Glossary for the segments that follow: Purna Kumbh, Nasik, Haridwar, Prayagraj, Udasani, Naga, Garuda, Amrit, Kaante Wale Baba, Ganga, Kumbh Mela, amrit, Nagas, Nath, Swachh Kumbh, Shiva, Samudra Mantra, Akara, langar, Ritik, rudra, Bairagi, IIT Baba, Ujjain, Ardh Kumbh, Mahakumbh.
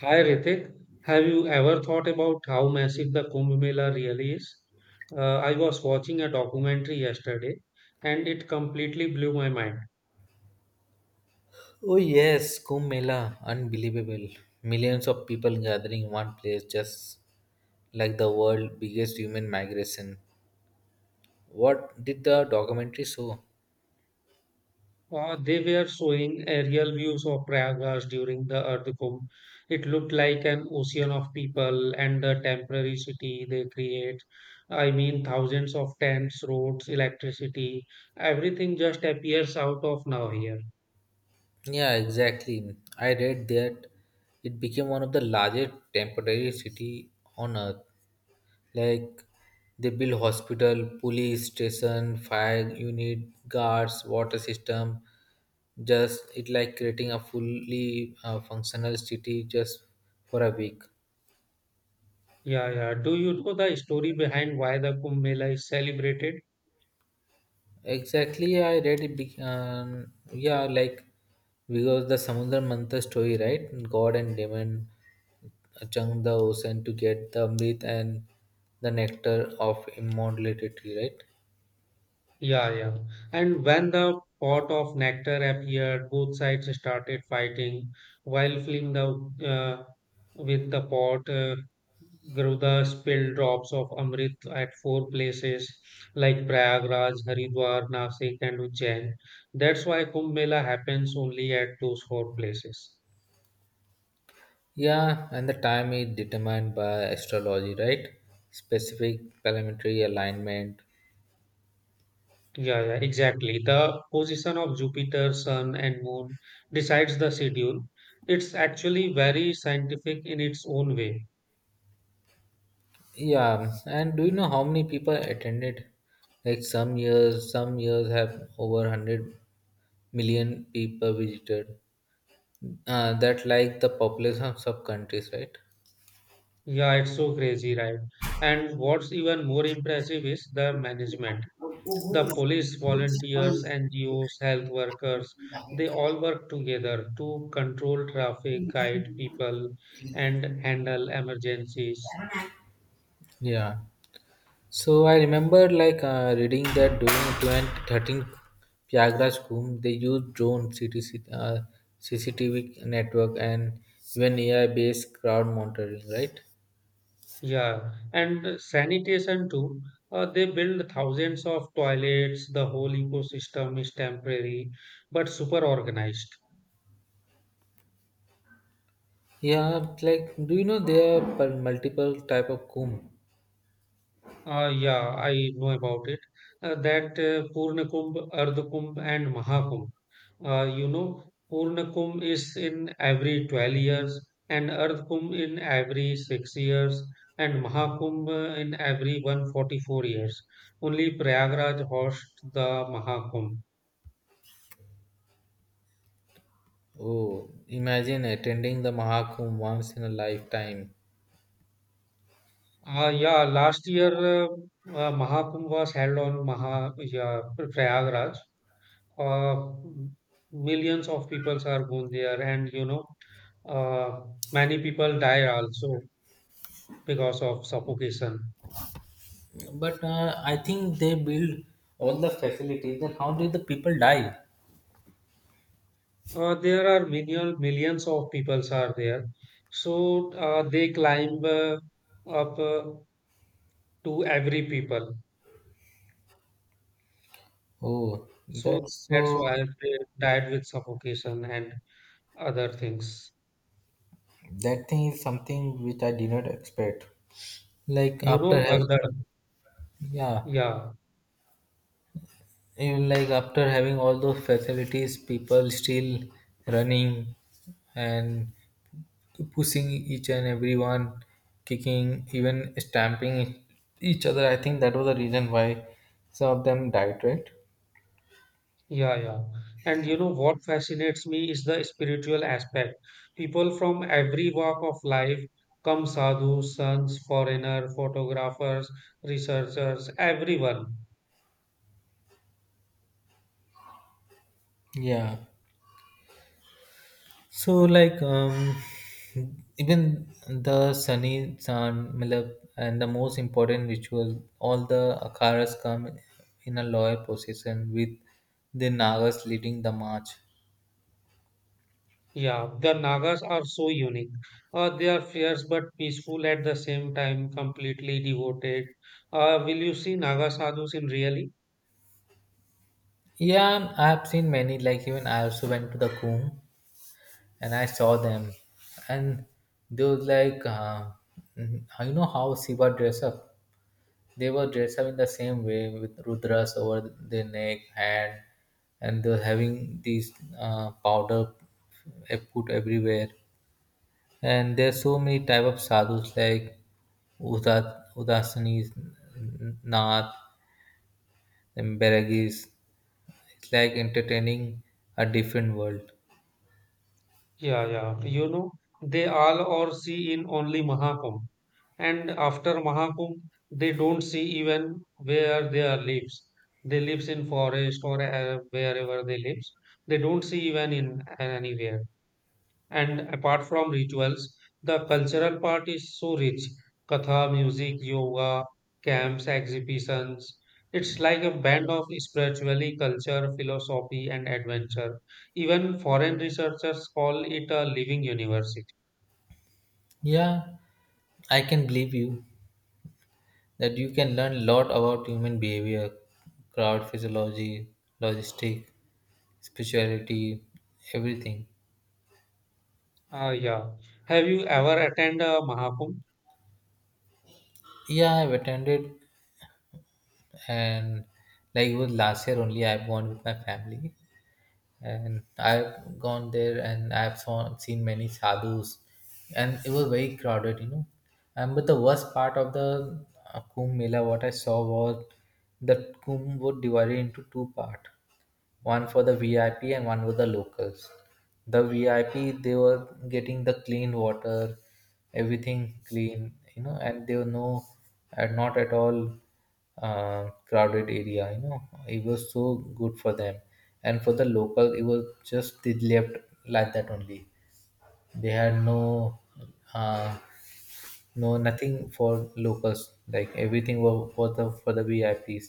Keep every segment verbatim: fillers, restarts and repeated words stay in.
Hi Ritik, have you ever thought about how massive the Kumbh Mela really is? Uh, I was watching a documentary yesterday and it completely blew my mind. Oh yes, Kumbh Mela, unbelievable. Millions of people gathering in one place just like the world biggest human migration. What did the documentary show? Uh, they were showing aerial views of Prayagraj during the Ardh Kumbh. It looked like an ocean of people and the temporary city they create. I mean, thousands of tents, roads, electricity, everything just appears out of nowhere. Yeah, exactly. I read that it became one of the largest temporary city on earth. Like they build hospital, police station, fire unit, guards, water system. Just it like creating a fully uh, functional city just for a week. Yeah, yeah. Do you know the story behind why the Kumbh Mela is celebrated? Exactly, I read it. Be- um, yeah, like because the Samudra Mantra story, right? God and demon chug the ocean to get the amrit and the nectar of immortality, right? Yeah, yeah. And when the pot of nectar appeared, both sides started fighting while filling the uh, with the pot. Uh, Garuda spilled drops of Amrit at four places like Prayagraj, Haridwar, Nasik, and Ujjain. That's why Kumbh Mela happens only at those four places. Yeah, and the time is determined by astrology, right? Specific planetary alignment. Yeah, yeah, exactly. The position of Jupiter, Sun, and Moon decides the schedule. It's actually very scientific in its own way. Yeah, and do you know how many people attended? Like some years, some years have over one hundred million people visited. Uh, that like the population of sub countries, right? Yeah, it's so crazy, right? And what's even more impressive is the management. The police, volunteers, N G Os, health workers, they all work together to control traffic, guide people, and handle emergencies. Yeah. So I remember like uh, reading that during twenty thirteen Prayagraj Kumbh, they used drone C T C, uh, C C T V network and even A I-based crowd monitoring, right? Yeah, and sanitation too. Uh, they build thousands of toilets. The whole ecosystem is temporary, but super organized. Yeah, like do you know there are per- multiple type of kumbh? Uh, yeah, I know about it. Uh, that uh, Purna Kumbh, Ardha Kumbh, and Mahakumbh. Uh, you know, Purna Kumbh is in every twelve years, and Ardha Kumbh in every six years, and Mahakumbh uh, in every one hundred forty-four years. Only Prayagraj hosts the Mahakumbh. Oh, imagine attending the Mahakumbh once in a lifetime. Uh, yeah, last year uh, uh, Mahakumbh was held on Maha, yeah, Prayagraj. Uh, Millions of people are gone there, and you know, uh, many people die also because of suffocation. But uh, I think they build all the facilities. Then how did the people die? Uh, there are million, millions of people are there, so uh, they climb uh, up uh, to every people. Oh, So that's that's so. why they died with suffocation and other things. That thing is something which I did not expect. Like You after know, having, Bhagdad. yeah, Yeah. even like after having all those facilities, people still running and pushing each and everyone, kicking, even stamping each other. I think that was the reason why some of them died, right? Yeah, yeah. And you know what fascinates me is the spiritual aspect. People from every walk of life come sadhus, sons, foreigner, photographers, researchers, everyone. Yeah. So, like, um, even the Sunny San Milab and the most important ritual, all the Akaras come in a loyal procession with the Nagas leading the march. Yeah, the Nagas are so unique. Uh, they are fierce but peaceful at the same time, completely devoted. Uh, will you see Naga sadhus in really? Yeah, I have seen many, like, even I also went to the Kumbh and I saw them, and they was like, uh, you know, how Shiva dress up. They were dressed up in the same way with rudras over their neck, hand, and they were having these uh, powder uh, put everywhere. And there are so many type of sadhus like Uda- Udasanis, Nath, and Bairagis. It's like entertaining a different world. Yeah, yeah. You know, they all or see in only Mahakumbh. And after Mahakumbh, they don't see even where they are lives. They lives in forest or uh, wherever they lives. They don't see even in anywhere. And apart from rituals, the cultural part is so rich. Katha, music, yoga, camps, exhibitions. It's like a band of spirituality, culture, philosophy, and adventure. Even foreign researchers call it a living university. Yeah, I can believe you that you can learn a lot about human behavior, crowd physiology, logistic, spirituality, everything. Ah, yeah. Have you ever attended a Mahakumbh? Yeah, I've attended, and like it was last year only. I've gone with my family, and I've gone there, and I've saw, seen many sadhus, and it was very crowded, you know. And but the worst part of the uh, Kumbh Mela, what I saw was that Kumbh was divided into two part, one for the V I P and one for the locals. The V I P they were getting the clean water, everything clean, you know, and they were no, and not at all uh, crowded area. You know, it was so good for them, and for the local, it was just they left like that only. They had no uh, no, nothing for locals. Like everything was for the for the V I Ps.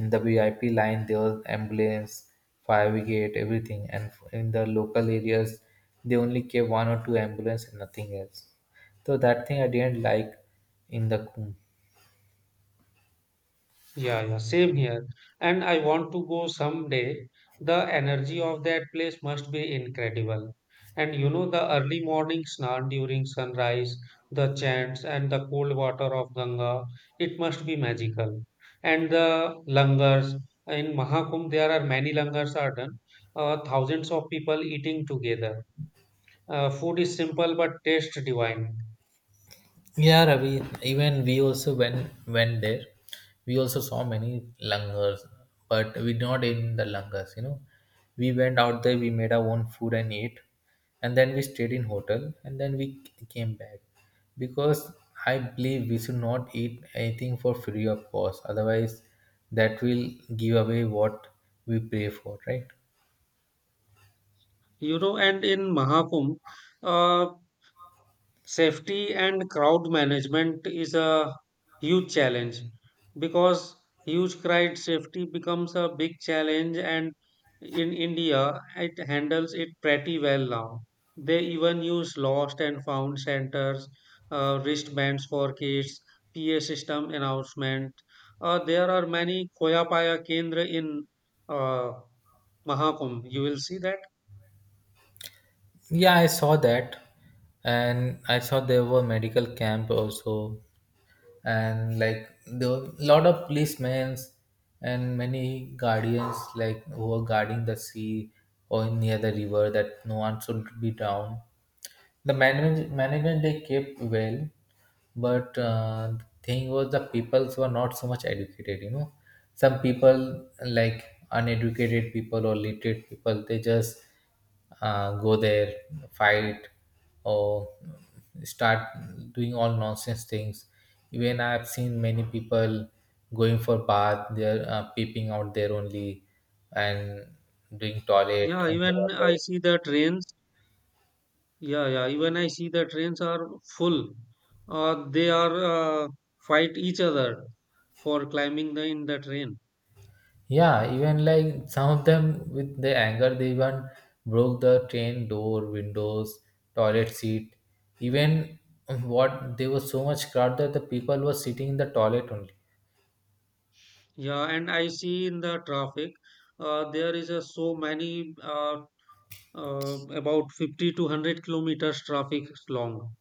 In the V I P line, there was ambulance, fire brigade, everything. And in the local areas, they only kept one or two ambulance and nothing else. So that thing I didn't like in the Kumbh. Yeah, yeah, same here. And I want to go someday. The energy of that place must be incredible. And you know, the early morning snan during sunrise, the chants, and the cold water of Ganga, it must be magical. And the langars, in Mahakumbh, there are many langars are done, uh, thousands of people eating together. Uh, food is simple but taste divine. Yeah, Ravi. Even we also went went there. We also saw many langars, but we not in the langars. You know, we went out there. We made our own food and ate, and then we stayed in hotel, and then we c- came back because I believe we should not eat anything for free of cost. Otherwise, that will give away what we pay for, right? You know, and in Mahakumbh, uh, safety and crowd management is a huge challenge because huge crowd safety becomes a big challenge and in India it handles it pretty well now. They even use lost and found centers, uh, wristbands for kids, PA system announcement. Uh, there are many khoya paya kendra in uh, Mahakumbh, you will see that. Yeah, I saw that, and I saw there were medical camp also and like there were a lot of policemen and many guardians like who were guarding the sea or near the river that no one should be drowned the manage, management they kept well, but uh, the thing was the peoples were not so much educated. You know, some people like uneducated people or literate people, they just uh, go there, fight, or start doing all nonsense things. Even I've seen many people going for bath, they're uh, peeping out there only and doing toilet yeah even i underwater. see the trains Yeah, yeah. Even I see the trains are full. Uh, they are uh, fight each other for climbing the in the train. Yeah, even like some of them with the anger, they even broke the train door, windows, toilet seat. Even what they were so much crowd that the people were sitting in the toilet only. Yeah, and I see in the traffic, uh, there is a so many uh, uh, about fifty to one hundred kilometers traffic long.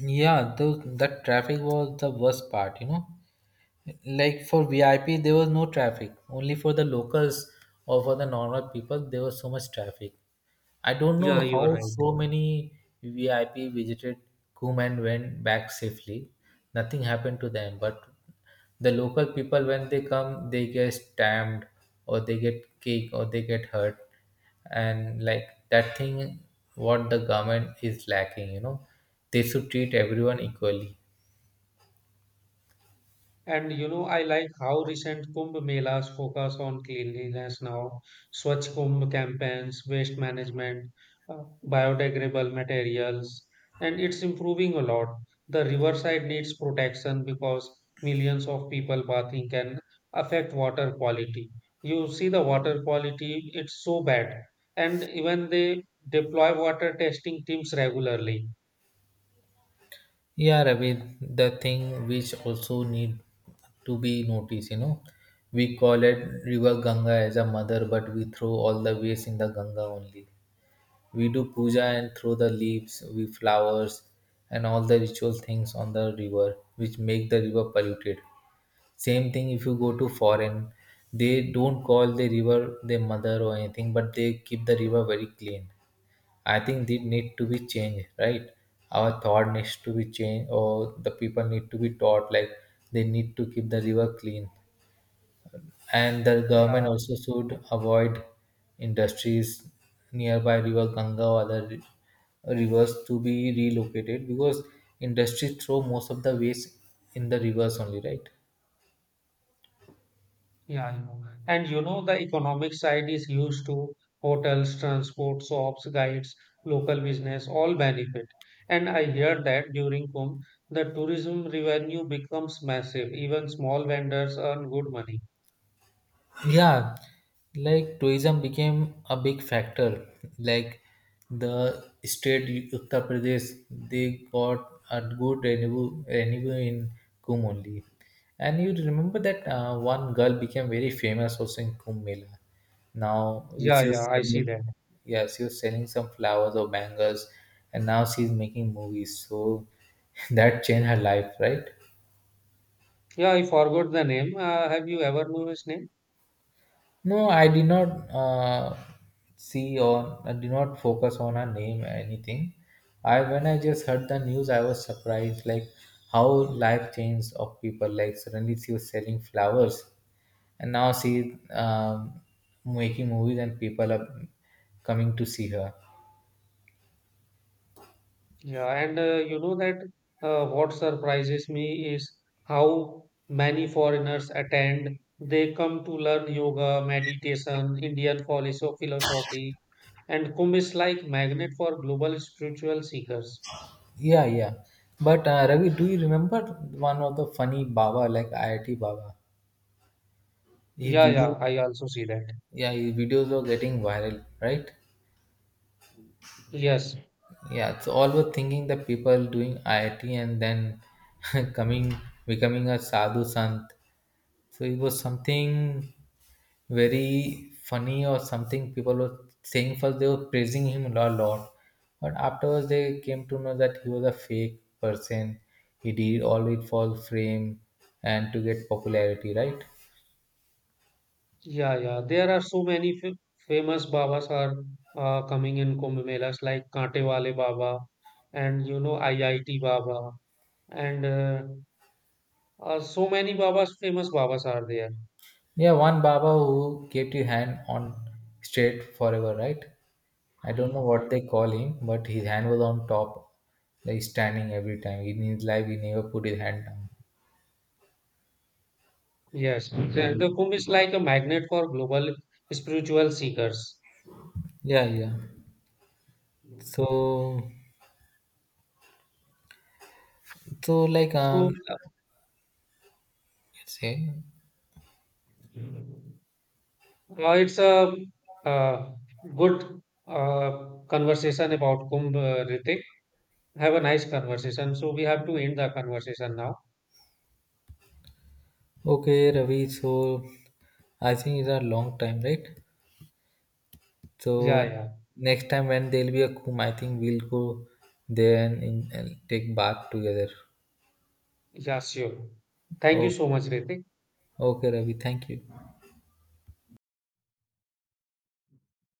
Yeah, those that traffic was the worst part, you know. Like for V I P, there was no traffic. Only for the The locals or for the normal people, there was so much traffic. I don't know Yeah, you are how right. so many V I P visited Coom and went back safely. Nothing happened to them, but the local people, when they come, they get stamped or they get kicked or they get hurt. And like that thing, what the government is lacking, you know, they should treat everyone equally. And you know, I like how recent Kumbh Melas focus on cleanliness now. Swachh Kumbh campaigns, waste management, uh, biodegradable materials, and it's improving a lot. The riverside needs protection because millions of people bathing can affect water quality. You see the water quality, it's so bad. And even they deploy water testing teams regularly. Yeah, Ravi, the thing which also need to be noticed, you know, we call it River Ganga as a mother, but we throw all the waste in the Ganga only. We do puja and throw the leaves, we flowers, and all the ritual things on the river, which make the river polluted. Same thing if you go to foreign, they don't call the river their mother or anything, but they keep the river very clean. I think they need to be changed, right? Our thought needs to be changed, or the people need to be taught like they need to keep the river clean. And the government Yeah, also should avoid industries nearby river Ganga or other ri- rivers to be relocated because industries throw most of the waste in the rivers only, right? yeah, I know. And you know, the economic side is used to hotels, transport, shops, guides, local business, all benefit. And I hear that during Kumbh, the tourism revenue becomes massive. Even small vendors earn good money. Yeah, like tourism became a big factor, like the state Uttar Pradesh, they got a good revenue revenue in Kumbh only. And you remember that uh, one girl became very famous also in Kumbh Mela, now which Yeah, she was yeah, I see selling, that. yeah, she was selling some flowers or bangles, and now she's making movies so that changed her life, right? Yeah, I forgot the name. Uh, have you ever known his name? No, I did not uh, see or I did not focus on her name or anything. I when I just heard the news, I was surprised like how life changed of people. Like suddenly she was selling flowers, and now she um, making movies and people are coming to see her. Yeah, and uh, you know that uh, what surprises me is how many foreigners attend. They come to learn yoga, meditation, Indian philosoph- philosophy, and Kumbh is like magnet for global spiritual seekers. Yeah, yeah. But uh, Ravi, do you remember one of the funny Baba like I I T Baba? His Yeah, video, yeah, I also see that. yeah, his videos are getting viral, right? Yes, Yeah, it's always thinking that people doing I I T and then coming becoming a sadhu sant. So it was something very funny or something people were saying first they were praising him a lot. But afterwards they came to know that he was a fake person. He did all it for fame and to get popularity, right? yeah, yeah. There are so many f famous Babas are uh, coming in Kumbh Melas like Kaante Wale Baba and you know I I T Baba and uh, Uh, so many Babas, famous Babas are there. Yeah, one Baba who kept your hand on straight forever, right? I don't know what they call him, but his hand was on top. Like standing every time. In his life, he never put his hand down. Yes, the, the Kumbh is like a magnet for global spiritual seekers. Yeah, yeah. So, so like So um, uh, say, it's a uh, good uh, conversation about Kumbh, uh, Ritik. Have a nice conversation. So we have to end the conversation now. okay, Ravi. So, I think it's a long time, right? Yeah, So, yeah, next time when there'll be a Kumbh, I think we'll go there and, in, and take bath together. yeah, sure. Thank you Okay, so much, Ritik. okay, Ravi. Thank you.